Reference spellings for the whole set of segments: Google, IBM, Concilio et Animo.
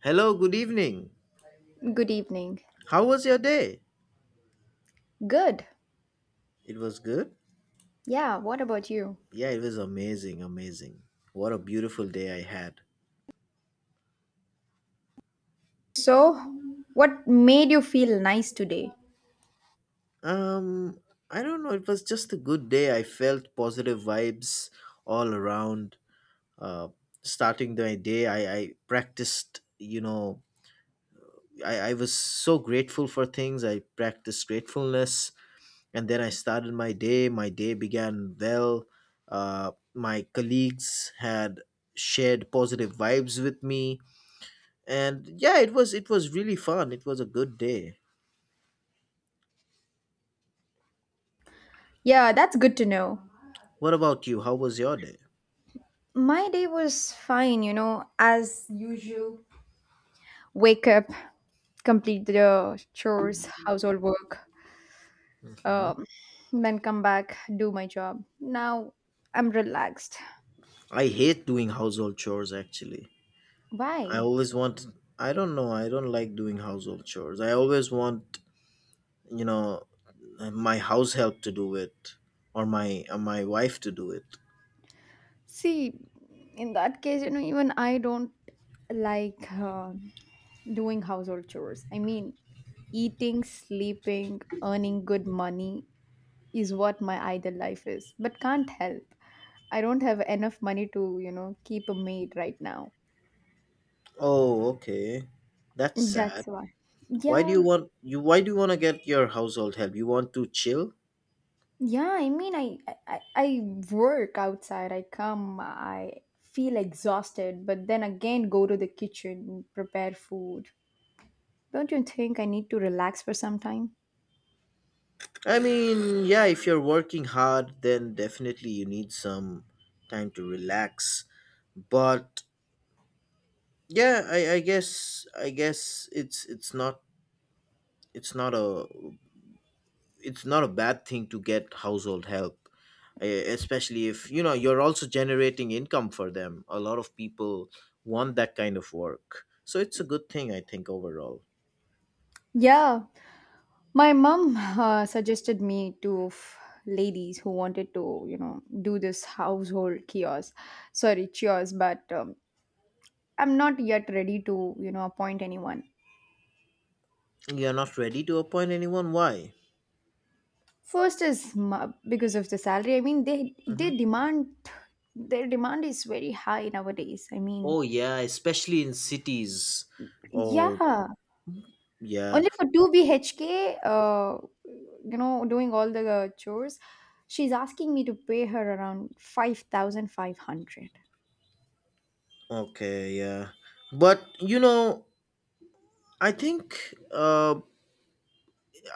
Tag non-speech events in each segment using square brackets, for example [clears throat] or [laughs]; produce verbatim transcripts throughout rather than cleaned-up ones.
Hello, good evening. Good evening. How was your day? Good. It was good? Yeah, what about you? Yeah, it was amazing, amazing. What a beautiful day I had. So, what made you feel nice today? Um, I don't know, it was just a good day. I felt positive vibes all around. Uh, Starting the day, I, I practiced, you know, I, I was so grateful for things. I practiced gratefulness and then I started my day. My day began well. Uh, my colleagues had shared positive vibes with me, and yeah, it was it was really fun. It was a good day. Yeah, that's good to know. What about you? How was your day? My day was fine, you know, as usual. Wake up, complete the chores, household work, Hmm. um, then come back, do my job. Now I'm relaxed. I hate doing household chores, actually. I Why? always want, I don't know, I don't like doing household chores. I always want, you know, my house help to do it, or my uh, my wife to do it. See, in that case, you know, even I don't like uh, doing household chores. I mean, eating, sleeping, earning good money is what my ideal life is. But can't help. I don't have enough money to, you know, keep a maid right now. Oh, okay, that's That's sad. why. Why do Yeah. you want, you why do you want to get your household help? You want to chill? Yeah, I mean I I, I I work outside. I come, I feel exhausted, but then again go to the kitchen, prepare food. Don't you think I need to relax for some time? I mean, yeah, if you're working hard, then definitely you need some time to relax. But yeah, I, I guess I guess it's it's not it's not a it's not a bad thing to get household help, e- especially if you know you're also generating income for them. A lot of people want that kind of work, so it's a good thing, I think, overall. Yeah, my mom uh, suggested me to f- ladies who wanted to, you know, do this household kiosk. Sorry, chores, but um, I'm not yet ready to, you know, appoint anyone. You're not ready to appoint anyone? Why? First is ma- because of the salary. I mean, they they Hmm. demand their demand is very high nowadays. I mean, Oh yeah, especially in cities. Oh. yeah, Yeah, only for two B H K, uh, you know, doing all the chores, she's asking me to pay her around five thousand five hundred. okay, yeah. But you know, I think uh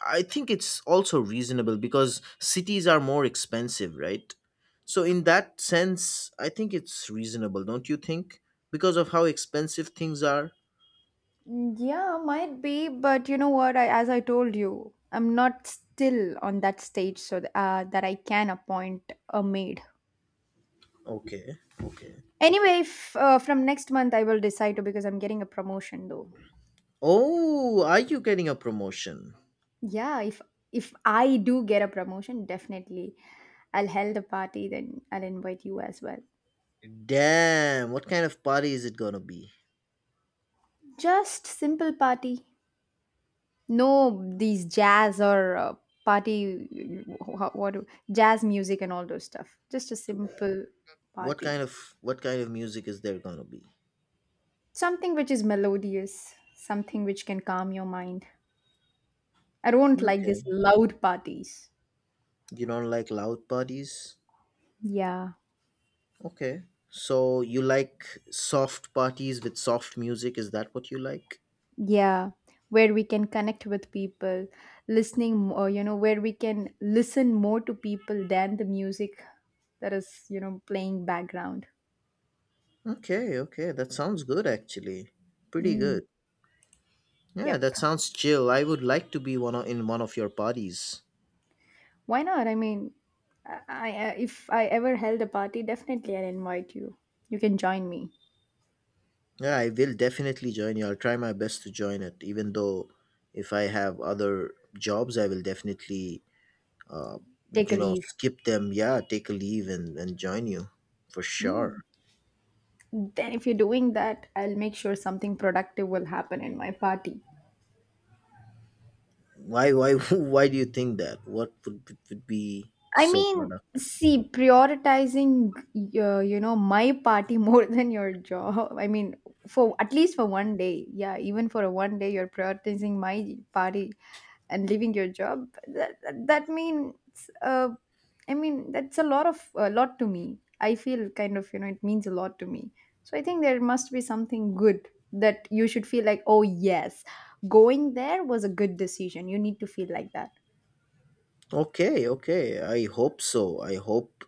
I think it's also reasonable because cities are more expensive, right? So in that sense, I think it's reasonable, don't you think? Because of how expensive things are. Mm, yeah, might be, but you know what? I, as I told you, I'm not still on that stage so th- uh, that I can appoint a maid. Okay, okay. Anyway, if, uh, from next month I will decide to because I'm getting a promotion though. Oh, are you getting a promotion? Yeah, if if I do get a promotion, definitely I'll held a party. Then I'll invite you as well. Damn, what kind of party is it gonna be? Just simple party. No, these jazz or uh, party, wh- wh- what do- jazz music and all those stuff. Just a So. simple What party. kind of, what kind of music is there gonna be? Something which is melodious, something which can calm your mind. I don't like these Okay. loud parties. You don't like loud parties? Yeah, Okay. So you like soft parties with soft music? Is that what you like? yeah, where we can connect with people, listening more, you know, where we can listen more to people than the music that is, you know, playing background. Okay, okay. That sounds good, actually. Pretty Mm, good. Yeah, yep. that sounds chill. I would like to be one of, in one of your parties. Why not? I mean, I, I if I ever held a party, definitely I'll invite you. You can join me. Yeah, I will definitely join you. I'll try my best to join it, even though if I have other jobs, I will definitely, uh, Take a you know, leave. skip them. Yeah, take a leave and, and join you for sure. Mm. Then, if you're doing that, I'll make sure something productive will happen in my party. Why, why, [laughs] why do you think that? What would, would be I so mean, productive? see, prioritizing, uh, you know, my party [laughs] more than your job. I mean, for at least for one day, yeah, even for a one day, you're prioritizing my party and leaving your job. That that, that means, uh, I mean, that's a lot of a lot to me. I feel kind of, you know, it means a lot to me. So I think there must be something good that you should feel like, oh yes, going there was a good decision. You need to feel like that. Okay, okay. I hope so. I hope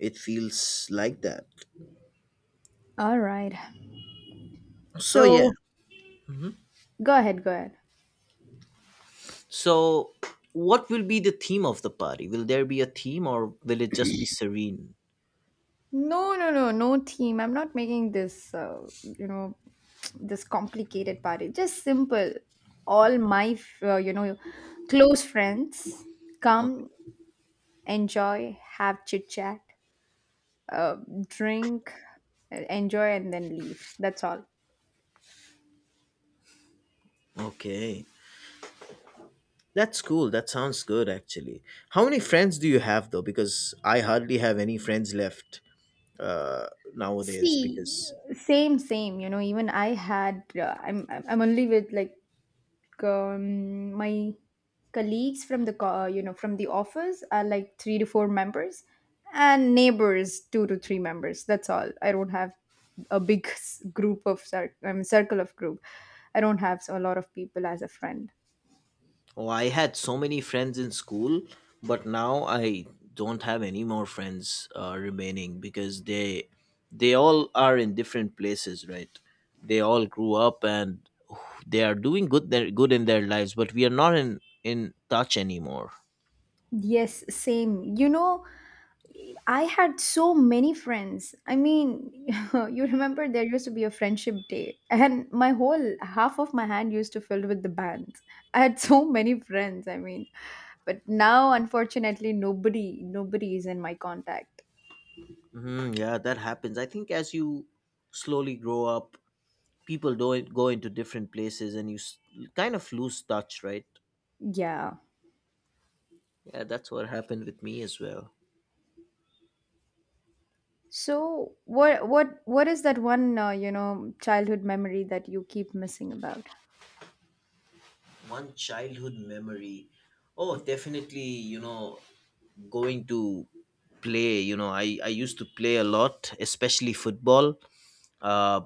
it feels like that. All right. So, yeah. So Go ahead, go ahead. So, what will be the theme of the party? Will there be a theme or will it just be serene? No, no, no, no theme. I'm not making this, uh, you know, [tsk] this complicated party. Just simple. All my, f- uh, you know, close friends Okay. come, enjoy, have chit chat, uh, drink, uh, enjoy, and then leave. That's all. Okay. That's cool. That sounds good, actually. How many friends do you have, though? Because I hardly have any friends left uh, nowadays See, because. same, same. You know, even I had. Uh, I'm, I'm I'm only with like like, um, my colleagues from the co- uh, you know, from the office are like three to four members, and neighbors two to three members. That's all. I don't have a big s- group of cir- I mean, circle of group. I don't have a lot of people as a friend. Oh, I had so many friends in school, but now I don't have any more friends uh, remaining because they they all are in different places, right? They all grew up and they are doing good, their good in their lives, but we are not in in touch anymore. Yes, same, you know, I had so many friends. I mean, [laughs] you remember there used to be a friendship day, and my whole half of my hand used to filled with the bands. I had so many friends. I mean, but now unfortunately nobody nobody is in my contact. Hmm, yeah, that happens. I think as you slowly grow up, people don't go into different places, and you s- kind of lose touch, right? Yeah. Yeah, that's what happened with me as well. So what what what is that one uh, you know, childhood memory that you keep missing about? One childhood memory. Oh, definitely, you know, going to play, you know, I, I used to play a lot, especially football. Uh,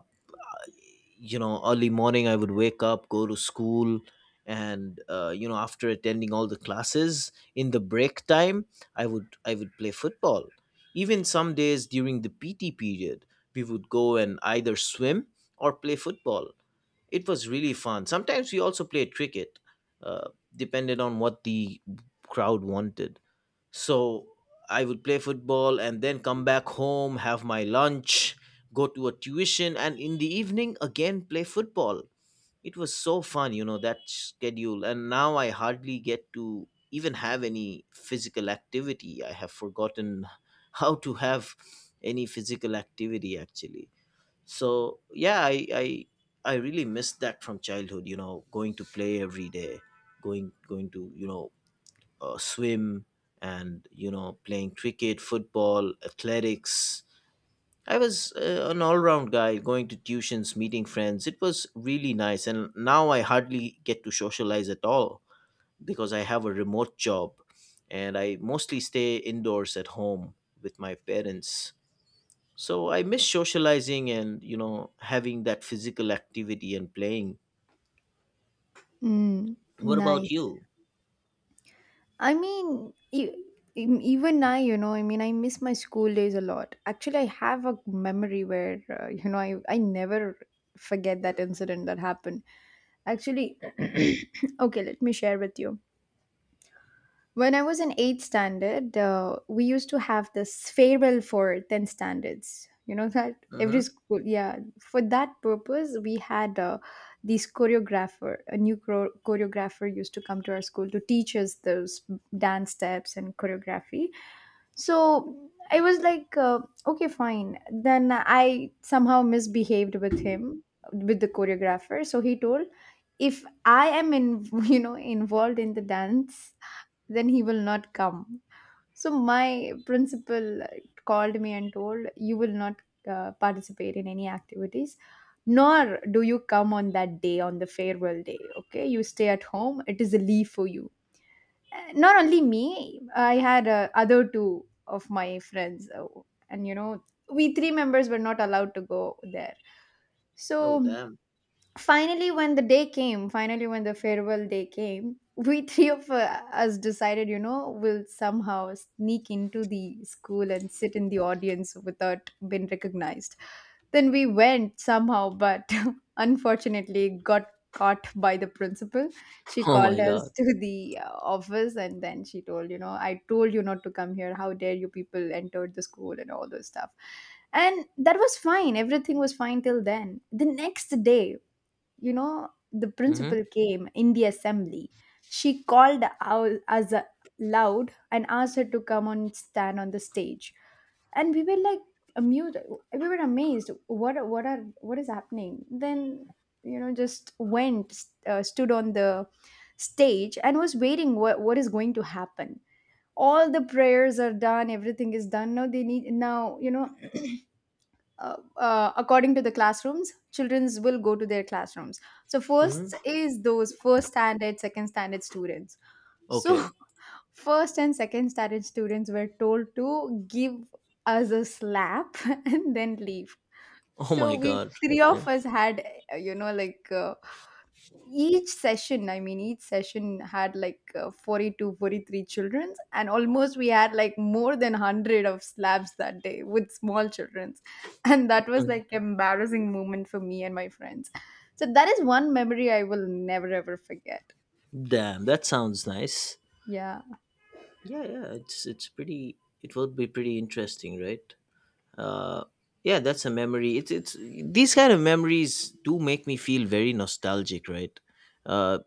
you know, early morning I would wake up, go to school, and uh, you know, after attending all the classes, in the break time, I would I would play football. Even some days during the P T period, we would go and either swim or play football. It was really fun. Sometimes we also played cricket, uh, depended on what the crowd wanted. So I would play football and then come back home, have my lunch, go to a tuition, and in the evening again play football. It was so fun, you know, that schedule. And now I hardly get to even have any physical activity. I have forgotten [laughs] how to have any physical activity, actually. So yeah, i i i really miss that from childhood. You know, going to play every day, going going to, you know, uh, swim, and you know, playing cricket, football, athletics. I was uh, an all-round guy, going to tuitions, meeting friends. It was really nice, and now I hardly get to socialize at all because I have a remote job, and I mostly stay indoors at home with my parents. So I miss socializing and, you know, having that physical activity and playing. Mm, What about nice. you? I mean, e- em- even I, you know, I mean, I miss my school days a lot. Actually, I have a memory where, uh, you know, I, I never forget that incident that happened. Actually, [coughs] [clears throat] okay, let me share with you. When I was in eighth standard, uh, we used to have this farewell for tenth standards. You know that every Mm-hmm. school, yeah. For that purpose, we had uh, these choreographer, a new chro- choreographer used to come to our school to teach us those dance steps and choreography. So I was like, uh, okay, fine. Then I somehow misbehaved with him, with the choreographer. So he told, if I am in, [laughs] you know, involved in the dance then he will not come. So my principal called me and told, you will not uh, participate in any activities, nor do you come on that day, on the farewell day. Okay, you stay at home, it is a leave for you. Uh, Not only me, I had uh, other two of my friends, uh, and you know, we three members were not allowed to go there. No, So damn. [laughs] finally when the day came finally when the farewell day came, [laughs] we three of uh, us decided, you know, we'll somehow sneak into the school and sit in the audience without being recognized. Then we went somehow, but [laughs] unfortunately got caught by the principal. She Oh called my us god. [laughs] to the uh, office, and then she told, you know, I told you not to come here, how dare you people entered the school and all those stuff. And that was fine, everything was fine till then. The next day, you know, the Mm-hmm. principal came in the assembly. She called ou- us loud and asked her to come and stand on the stage. And we were like amused. We were amazed. What are- what are what is happening? Then, you know, just went uh, stood on the stage and was waiting. What what is going to happen? All the prayers are done. Everything is done. Now, they need now you know, uh, uh, according to the classrooms, childrens will go to their classrooms. So first Mm-hmm. is those first standard, second standard students. So Okay. [laughs] first and second standard students were told to give us a slap [laughs] and then leave. Oh So my we god. three of Okay. us had, uh, you know, like, uh, each session, i mean each session had like uh, forty-two forty-three childrens, and almost we had like more than one hundred of slabs that day with small childrens. [laughs] and that was Mhm. like embarrassing moment for me and my friends. So that is one memory I will never ever forget. Damn, that sounds nice. Yeah, Yeah, yeah. It's it's pretty. It would be pretty interesting, right? uh, yeah, that's a memory. It's it's these kind of memories do make me feel very nostalgic, right? uh,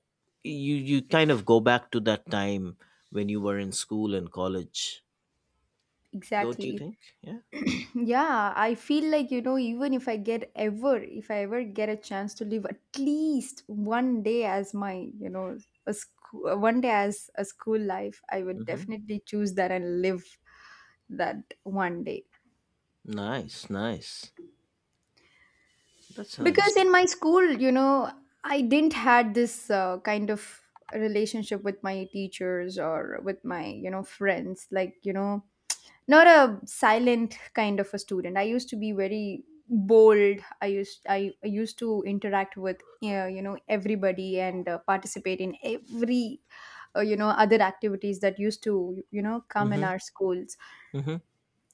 you you kind of go back to that time when you were in school and college, don't you exactly. think? Yeah. [clears throat] yeah, I feel like, you know, even if i get ever if I ever get a chance to live at least one day as my, you know, a school one day as a school life, I would Mm-hmm. definitely choose that and live that one day. Nice, nice. That's nice. Because in my school, you know, I didn't had this uh, kind of relationship with my teachers or with my, you know, friends, like, you know, not a silent kind of a student. I used to be very bold. i used i, I used to interact with uh, you know, everybody, and uh, participate in every uh, you know, other activities that used to, you know, come in Mm-hmm. our schools. Mm-hmm.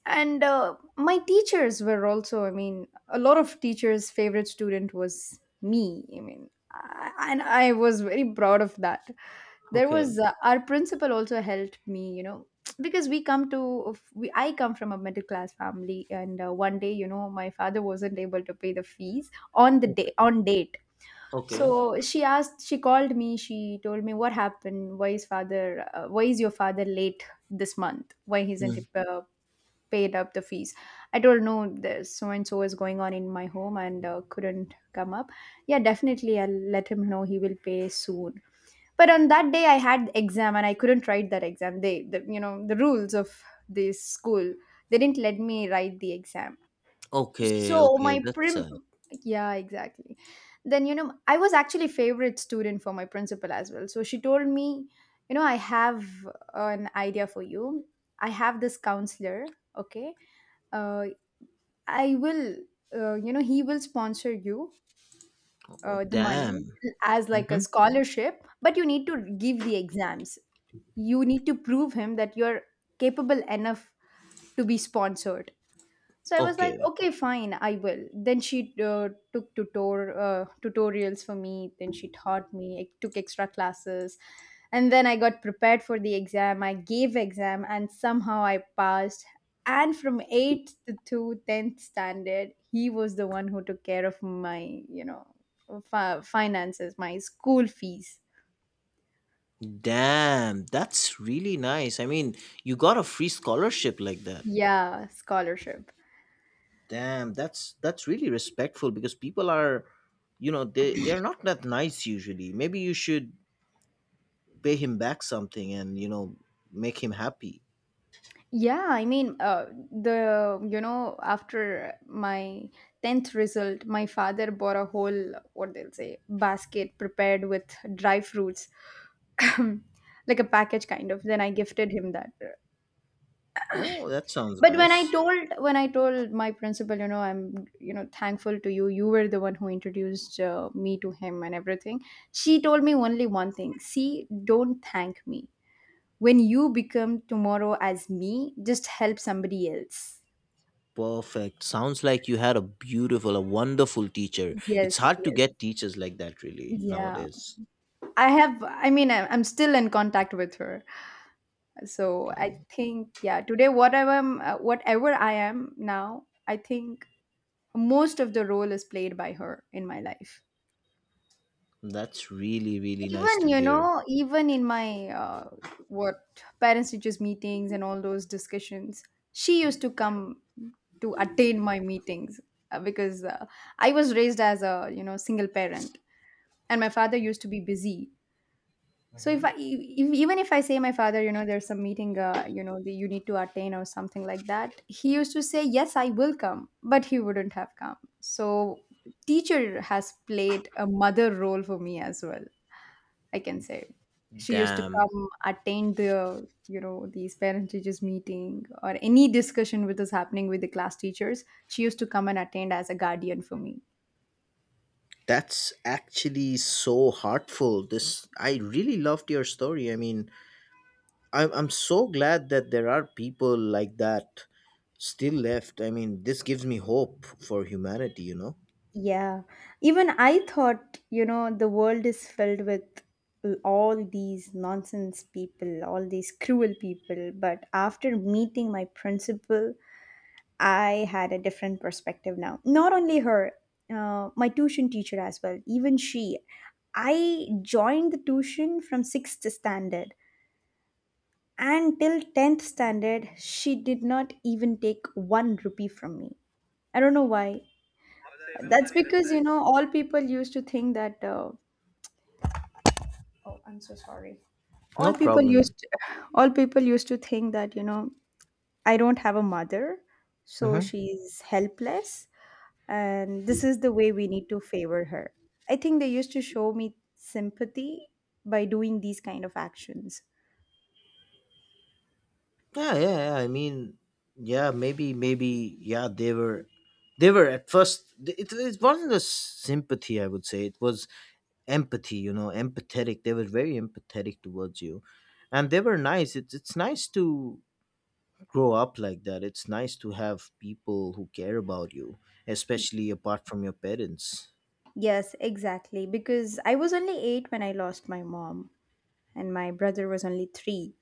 And uh, my teachers were also, I mean, a lot of teachers favorite student was me. I mean, I, and I was very proud of that. There Okay, was, uh, our principal also helped me, you know, [tsk] because we come to of- we I come from a middle class family. And uh, one day, you know, my father wasn't able to pay the fees on the day okay, on date. So okay. she asked she called me she told me what happened, why is father uh, why is your father late this month, why he isn't Mm. he uh, paid up the fees. I told, no, there's so and so is going on in my home, and uh, couldn't come up. Yeah, definitely, I'll let him know, he will pay soon. But on that day I had exam and I couldn't write that exam. They the, you know, the rules of this school, they didn't let me write the exam. Okay, So okay, my that's prim sad. Yeah, exactly. Then, you know, I was actually favorite student for my principal as well. So she told me, you know, I have an idea for you. I have this counselor. Okay. uh, I will, uh, you know, he will sponsor you Oh uh, the money, damn. as like a Mm-hmm. scholarship, but you need to give the exams. You need to prove him that you're capable enough to be sponsored. So I was like, Okay. okay, fine, I will then she uh, took tutor uh, tutorials for me, then she taught me. I took extra classes, and then I got prepared for the exam. I gave exam and somehow I passed. And from eighth to two, tenth standard, he was the one who took care of my, you know, fi- finances, my school fees. Damn, that's really nice. I mean, you got a free scholarship like that. Yeah, scholarship. Damn, that's that's really respectful because people are, you know, they they're not that nice usually. Maybe you should pay him back something, and you know, make him happy. Yeah, I mean, uh, the you know, after my tenth result, my father bought a whole what they'll say basket prepared with dry fruits, [coughs] [clears throat] like a package kind of. Then I gifted him that. Oh, that sounds But when I nice. told when I told my principal, you know, I'm you know thankful to you. You were the one who introduced uh, me to him and everything. She told me only one thing: see, don't thank me. When you become tomorrow as me, just help somebody else. Perfect. Sounds like you had a beautiful, a wonderful teacher. It's Yes, hard to yes. get teachers like that, really, Yeah. nowadays. I have, I mean, I- I'm still in contact with her. So I Okay. think, yeah, today, whatever, I'm- uh, whatever I am now, I think most of the role is played by her in my life. That's really really nice Even, to you hear. know, even in my, uh, what parents teachers meetings and all those discussions, she used to come to attend my meetings uh, because uh, I was raised as a, you know, single parent, and my father used to be busy. So if I e- e- even if I say my father, you know, there's some meeting, uh, you know, that you need to attend or something like that, he used to say, "Yes, I will come," but he wouldn't have come. So teacher has played a mother role for me as well. I can say she used to Damn. come attend the you know these parent teachers meeting or any discussion which is happening with the class teachers. She used to come and attend as a guardian for me. That's actually so heartful. This, I really loved your story. I mean, I'm I'm so glad that there are people like that still left. I mean, this gives me hope for humanity, you know. Yeah, even I thought, you know, the world is filled with all these nonsense people, all these cruel people. But after meeting my principal, I had a different perspective now. Not only her, uh, my tuition teacher as well, even she. I joined the tuition from sixth standard, and till tenth standard, she did not even take one rupee from me. I don't know why. That's because, you know, all people used to think that uh, oh, I'm so sorry. All No people used problem. to, all people used to think that, you know, I don't have a mother, so Mm-hmm. she's helpless, and this is the way we need to favor her. I think they used to show me sympathy by doing these kind of actions. Yeah, yeah, yeah. I mean, yeah, maybe, maybe, yeah. They were, they were at first. It, it wasn't a sympathy. I would say it was empathy. You know, empathetic. They were very empathetic towards you, and they were nice. It's it's nice to grow up like that. It's nice to have people who care about you, especially apart from your parents. Yes, exactly, because I was only eight when I lost my mom and my brother was only three.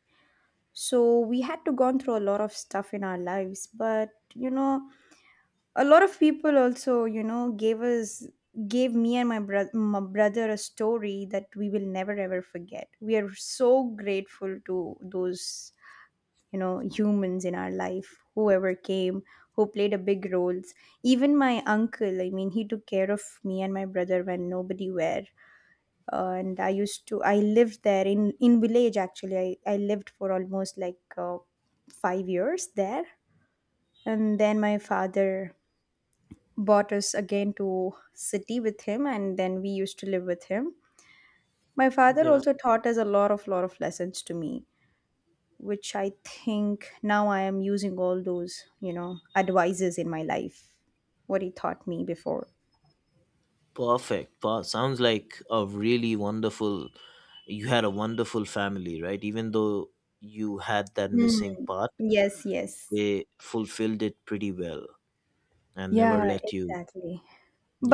So we had to gone through a lot of stuff in our lives, but you know, a lot of people also you know gave us gave me and my, bro- my brother a story that we will never ever forget. We are so grateful to those you know humans in our life whoever came, who played a big roles. Even my uncle, I mean, he took care of me and my brother when nobody were uh, and I used to I lived there in in village actually i, I lived for almost like uh, five years there, and then my father brought us again to city with him, and then we used to live with him. My father Okay. also taught us a lot of lot of lessons to me, which I think now I am using all those you know advices in my life what he taught me before. Perfect. Pa- sounds like a really wonderful. You had a wonderful family, right? Even though you had that Mm, missing part, yes, yes. they fulfilled it pretty well and Yeah, never let you. exactly.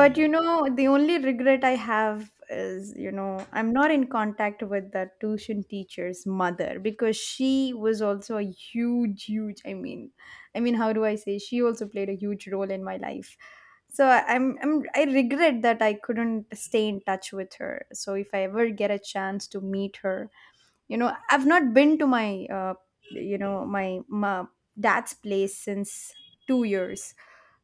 But you know, the only regret I have is, you know, I'm not in contact with the tuition teacher's mother because she was also a huge, huge, I mean, I mean, how do I say? She also played a huge role in my life. So I- I'm, I'm, I regret that I couldn't stay in touch with her. So if I ever get a chance to meet her, you know, I've not been to my, uh, you know, my, my dad's place since two years.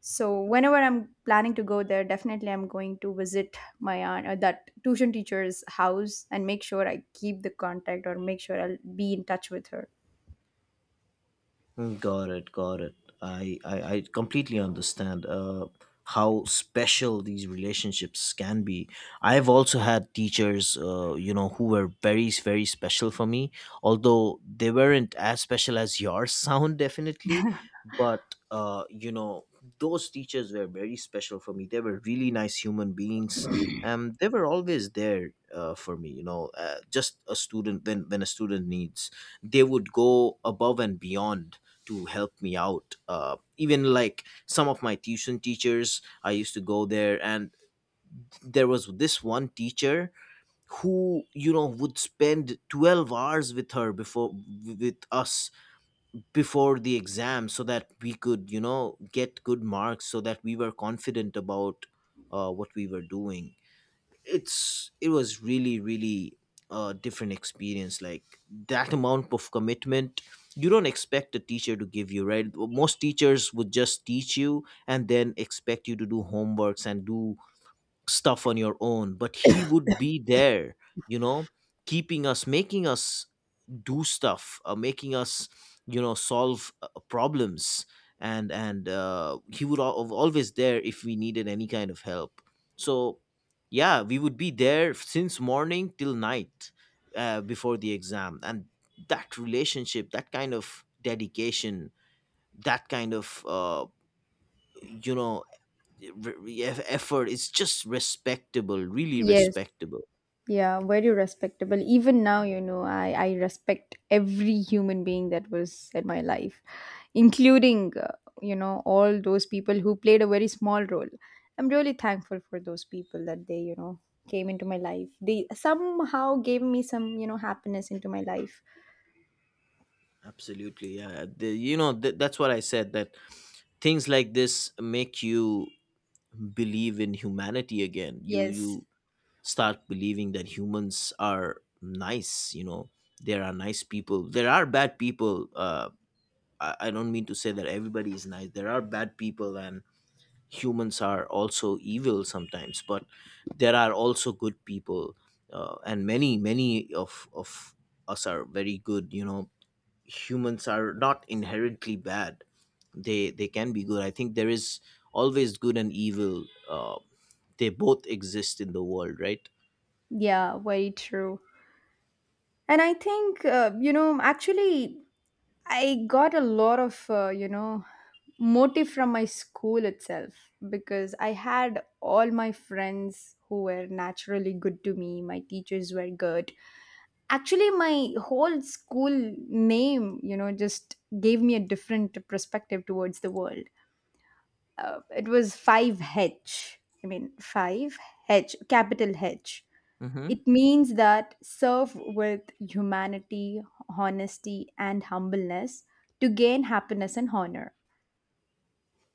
So whenever I'm planning to go there, definitely I'm going to visit my aunt, uh, that tuition teacher's house and make sure I keep the contact or make sure I'll be in touch with her. Mm. Got it, got it. I, I, I completely understand uh, how special these relationships can be. I've also had teachers, uh, you know, who were very, very special for me, although they weren't as special as yours [laughs] sound, definitely. But, uh, you know, those teachers were very special for me. They were really nice human beings. Um, they were always there uh, for me, you know, uh, just a student, when, when a student needs, they would go above and beyond to help me out. Uh, even like some of my tuition teachers, I used to go there, and there was this one teacher who, you know, would spend twelve hours with her before, with us, before the exam, so that we could, you know, get good marks, so that we were confident about uh, what we were doing. It's, it was really really a different experience. Like, that amount of commitment, you don't expect a teacher to give you, right? Most teachers would just teach you and then expect you to do homeworks and do stuff on your own. But he would be there, you know, keeping us, making us do stuff, uh, making us, you know, solve uh, problems. And and uh, he would al- always there if we needed any kind of help. So yeah, we would be there since morning till night uh, before the exam. And that relationship, that kind of dedication, that kind of uh, you know, re- re- eff- effort is just respectable, really Yes. respectable. Yeah, very respectable. Even now, you know, I, I respect every human being that was in my life, including, uh, you know, all those people who played a very small role. I'm really thankful for those people that they, you know, came into my life. They somehow gave me some, you know, happiness into my life. Absolutely, yeah. The- you know, th- that's what I said, that things like this make you believe in humanity again. You Yes. You start believing that humans are nice. You know, there are nice people. There are bad people. Uh, I, I don't mean to say that everybody is nice. There are bad people, and humans are also evil sometimes. But there are also good people, uh, and many, many of of us are very good. You know, humans are not inherently bad. They they can be good. I think there is always good and evil. Uh, they both exist in the world, right? Yeah, very true. And I think, uh, you know, actually, I got a lot of, uh, you know, motive from my school itself because I had all my friends who were naturally good to me. My teachers were good. Actually, my whole school name, you know, just gave me a different perspective towards the world. Uh, it was five H. I mean, five H, capital H. Mm-hmm. It means that serve with humanity, honesty, and humbleness to gain happiness and honor.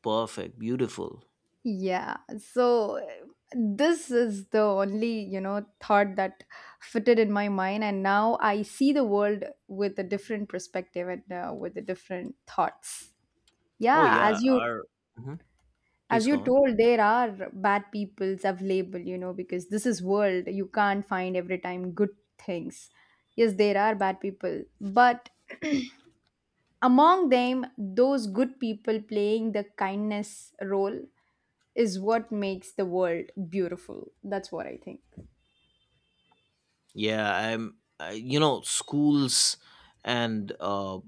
Perfect, beautiful. Yeah, so uh, this is the only, you know, thought that fitted in my mind, and now I see the world with a different perspective and uh, with a different thoughts. oh Yeah, yeah as you our Mhm. as Please go you on. told, there are bad peoples available, you know, because this is world. You can't find every time good things. Yes, there are bad people, but among them, those good people playing the kindness role is what makes the world beautiful. That's what I think. Yeah, I'm. Uh, you know, schools and uh,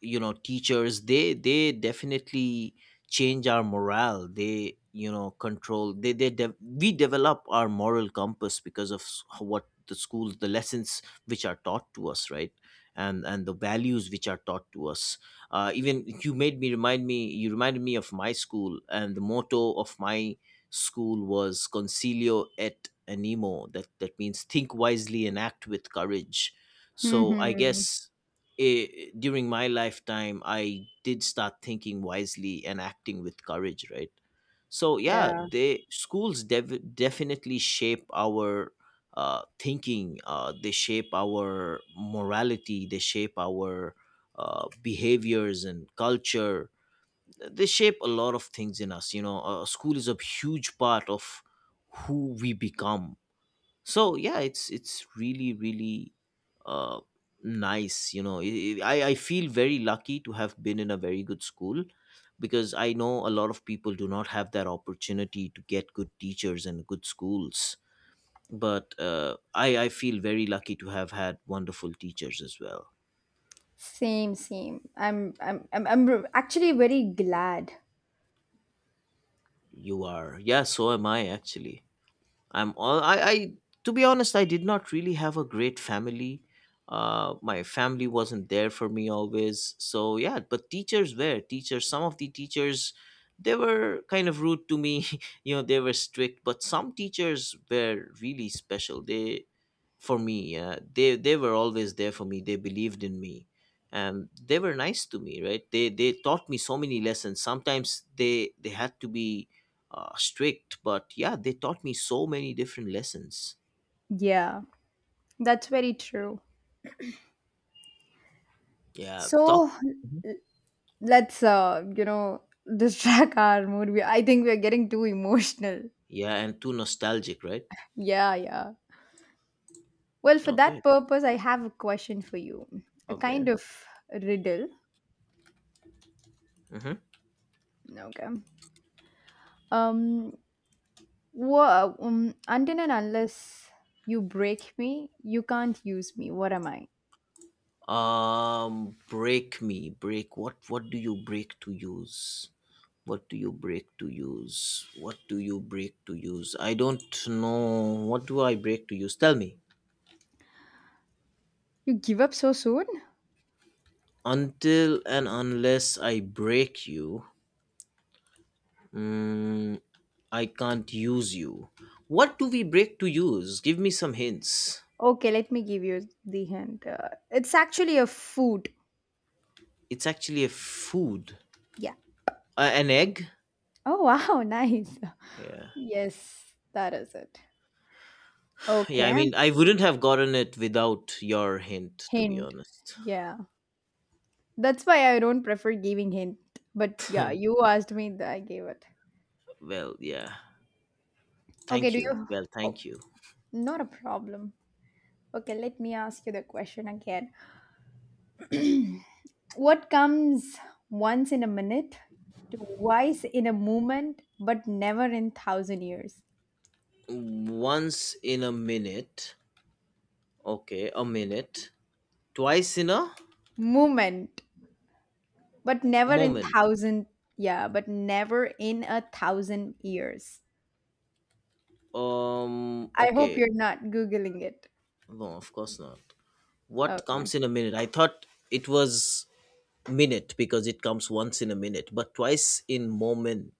you know, teachers, They they definitely change our morale. They, you know, control. They they de- we develop our moral compass because of s- what the schools, the lessons which are taught to us, right? And and the values which are taught to us. Uh, even you made me, remind me. You reminded me of my school, and the motto of my school was Concilio et Animo. That that means think wisely and act with courage. So I Hmm. guess eh, during my lifetime, I did start thinking wisely and acting with courage. Right. So yeah, Yeah. they schools dev- definitely shape our uh, thinking. Uh, they shape our morality. They shape our uh, behaviors and culture. They shape a lot of things in us you know uh, School is a huge part of who we become. So yeah, it's it's really really uh, nice. You know I, I I feel very lucky to have been in a very good school, because I know a lot of people do not have that opportunity to get good teachers and good schools. But uh, i i feel very lucky to have had wonderful teachers as well. Same, same. I'm, I'm, I'm, I'm r- actually very glad. You are? Yeah, so am I, actually. I'm all I, I to be honest, I did not really have a great family. Uh, my family wasn't there for me always. So yeah, but teachers were teachers. Some of the teachers, they were kind of rude to me. [laughs] You know, they were strict, but some teachers were really special. They, for me, uh, they they were always there for me. They believed in me. And they were nice to me, right? They they taught me so many lessons. Sometimes they they had to be uh, strict, but yeah, they taught me so many different lessons. Yeah, that's very true. Yeah, So talk. Mhm. let's, uh, you know, distract [laughs] our mood. We, I think we're getting too emotional. Yeah, and too nostalgic, right? Yeah, yeah. Well, for that Okay, purpose, I have a question for you. A kind okay. of riddle. Mm-hmm. Okay. Um, Wha um, until and unless you break me, you can't use me. What am I? Um, break me, break. What? What do you break to use? What do you break to use? What do you break to use? I don't know. What do I break to use? Tell me. You give up so soon? Until and unless I break you, mm, I can't use you. What do we break to use? Give me some hints. Okay, let me give you the hint. Uh, it's actually a food. It's actually a food. Yeah. Uh, an egg? Oh, wow, [laughs] nice. Yeah. Yes, that is it. Yeah, I Okay. mean, I wouldn't have gotten it without your hint, to be Hint. honest. Yeah. That's why I don't prefer giving hint. But yeah, you asked me that I gave it. Well, yeah. Okay, Thank do you. you? Well, Oh, thank you. not a problem. Okay, let me ask you the question again. What comes once in a minute, to twice in a moment, but never in thousand years. Once in a minute. Okay, a minute. Twice in a Moment, but never in moment. thousand, yeah, but never in a thousand years. Um, I hope you're Okay. not Googling it. No, of course not. What Okay. comes in a minute? I thought it was minute because it comes once in a minute, but twice in moment.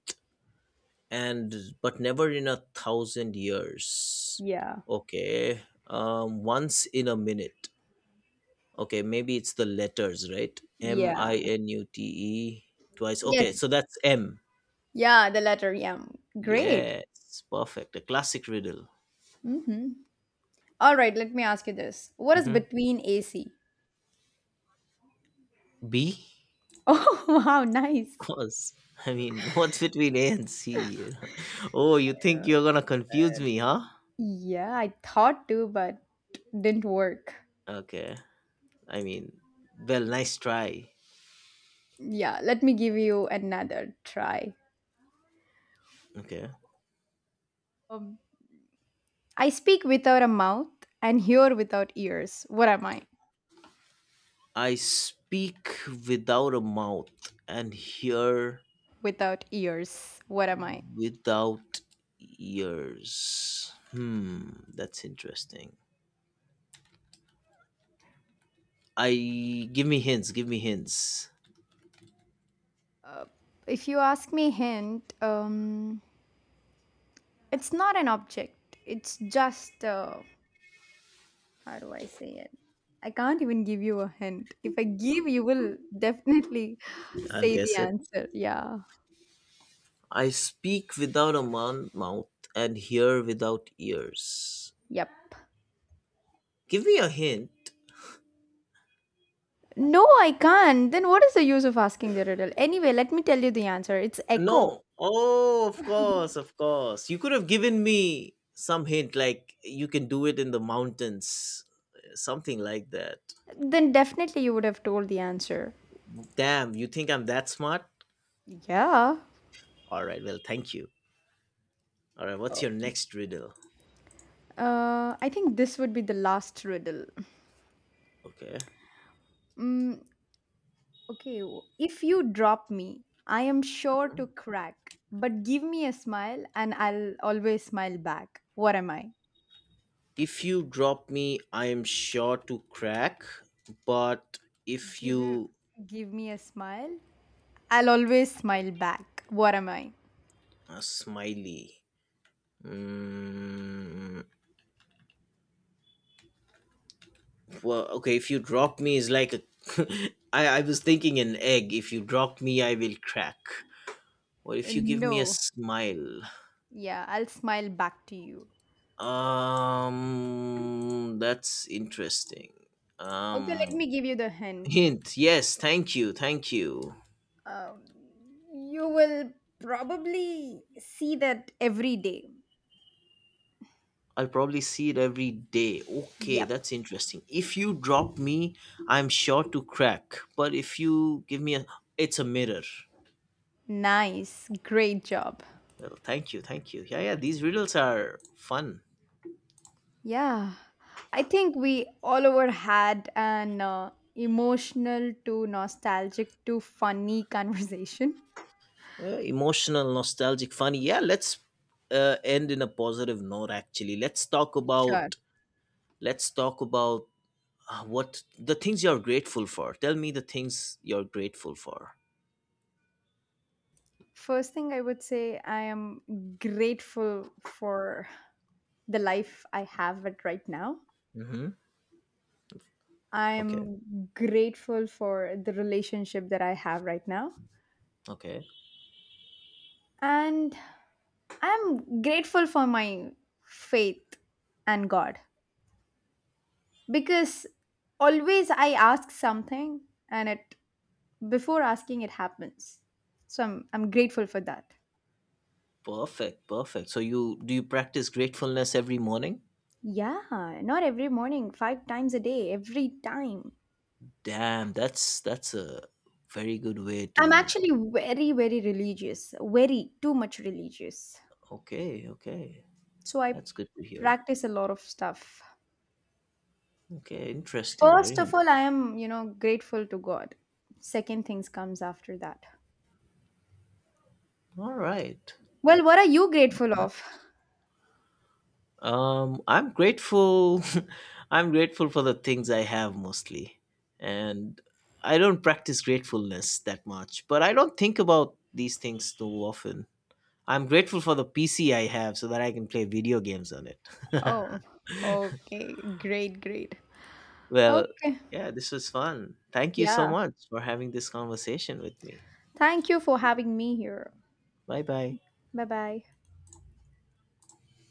And but never in a thousand years. Yeah. Okay. Um once in a minute. Okay, maybe it's the letters, right? M Yeah. I N U T E. Twice, okay, so Yes. that's M. Yeah, the letter M. Great. Yes, perfect, a classic riddle. Mm-hmm. All right, let me ask you this. What is Hmm. between A C? [laughs] B, Oh, wow, nice. of course. I mean, [laughs] what's between A and C? You know? [laughs] Oh, you think you're gonna confuse me, huh? Yeah, I thought to, but didn't work. Okay, I mean, well, nice try. Yeah, let me give you another try. Okay. Um, I speak without a mouth and hear without ears. What am I? I speak without a mouth and hear Without ears. What am I? without ears. Hmm, that's interesting. I Give me hints, give me hints. Uh, if you ask me hint, um, it's not an object. It's just uh, how do I say it? I can't even give you a hint. If I give, you will definitely [laughs] [sighs] I'll say the guess it. answer. Yeah. I speak without a mon- mouth and hear without ears. Yep. Give me a hint. No, I can't. Then what is the use of asking the riddle? Anyway, let me tell you the answer. It's echo. No. Oh, of course, of course. You could have given me some hint like you can do it in the mountains, something like that. Then definitely you would have told the answer. Damn, you think I'm that smart? Yeah. All right, well, thank you. All right, what's Oh. your next riddle? Uh, I think this would be the last riddle. Okay. Mm, okay, w- if you drop me, I am sure to crack, but give me a smile and I'll always smile back. What am I? If you drop me, I am sure to crack, but if Give you give me a smile. I'll always smile back. What am I? a smiley. Mm, well, okay, if you drop me is like a [laughs] I I was thinking an egg. If you drop me, I will crack. Or Uh, if you give me a No. smile. Yeah, I'll smile back to you. Um that's interesting. Okay, let me Um give you the hint. Hint. Yes. Thank you. Thank you. Um, you will probably see that every day. I'll probably see it every day. Okay, Yep. that's interesting. If you drop me, I'm sure to crack. But if you give me a, it's a mirror. Nice. Great job. Well, thank you, thank you. Yeah, yeah. These riddles are fun. Yeah. I think we all over had an uh, emotional to nostalgic to funny [laughs] conversation. Uh, emotional, nostalgic, funny. Yeah, let's uh, end in a positive note. Actually, let's talk Sure. about let's talk about uh, what the things you're grateful for. Tell me the things you're grateful for. First thing I would say, I am grateful for the life I have it right now. Mm-hmm. Okay. I'm grateful for the relationship that I have right now. Okay. And I'm grateful for my faith and God because always I ask something, and it before asking it happens. So I'm I'm grateful for that. Perfect, perfect. So you do you practice gratefulness every morning? Yeah, not every morning, five times a day, every time. Damn, that's that's a very good way I'm to. actually very very religious, very too much religious. Okay, okay, So I that's good to hear. practice a lot of stuff. Okay, interesting, First very of all, I interesting. am, you know, grateful to God. Second things comes after that. All right, Well, what are you grateful of? nice. Um, I'm grateful. [laughs] I'm grateful for the things I have mostly, and I don't practice gratefulness that much. But I don't think about these things too often. I'm grateful for the P C I have so that I can play video games on it. [laughs] Oh, okay. Great, great. Well, Okay. yeah, this was fun. Thank you so Yeah. much for having this conversation with me. Thank you for having me here. Bye bye. Bye bye.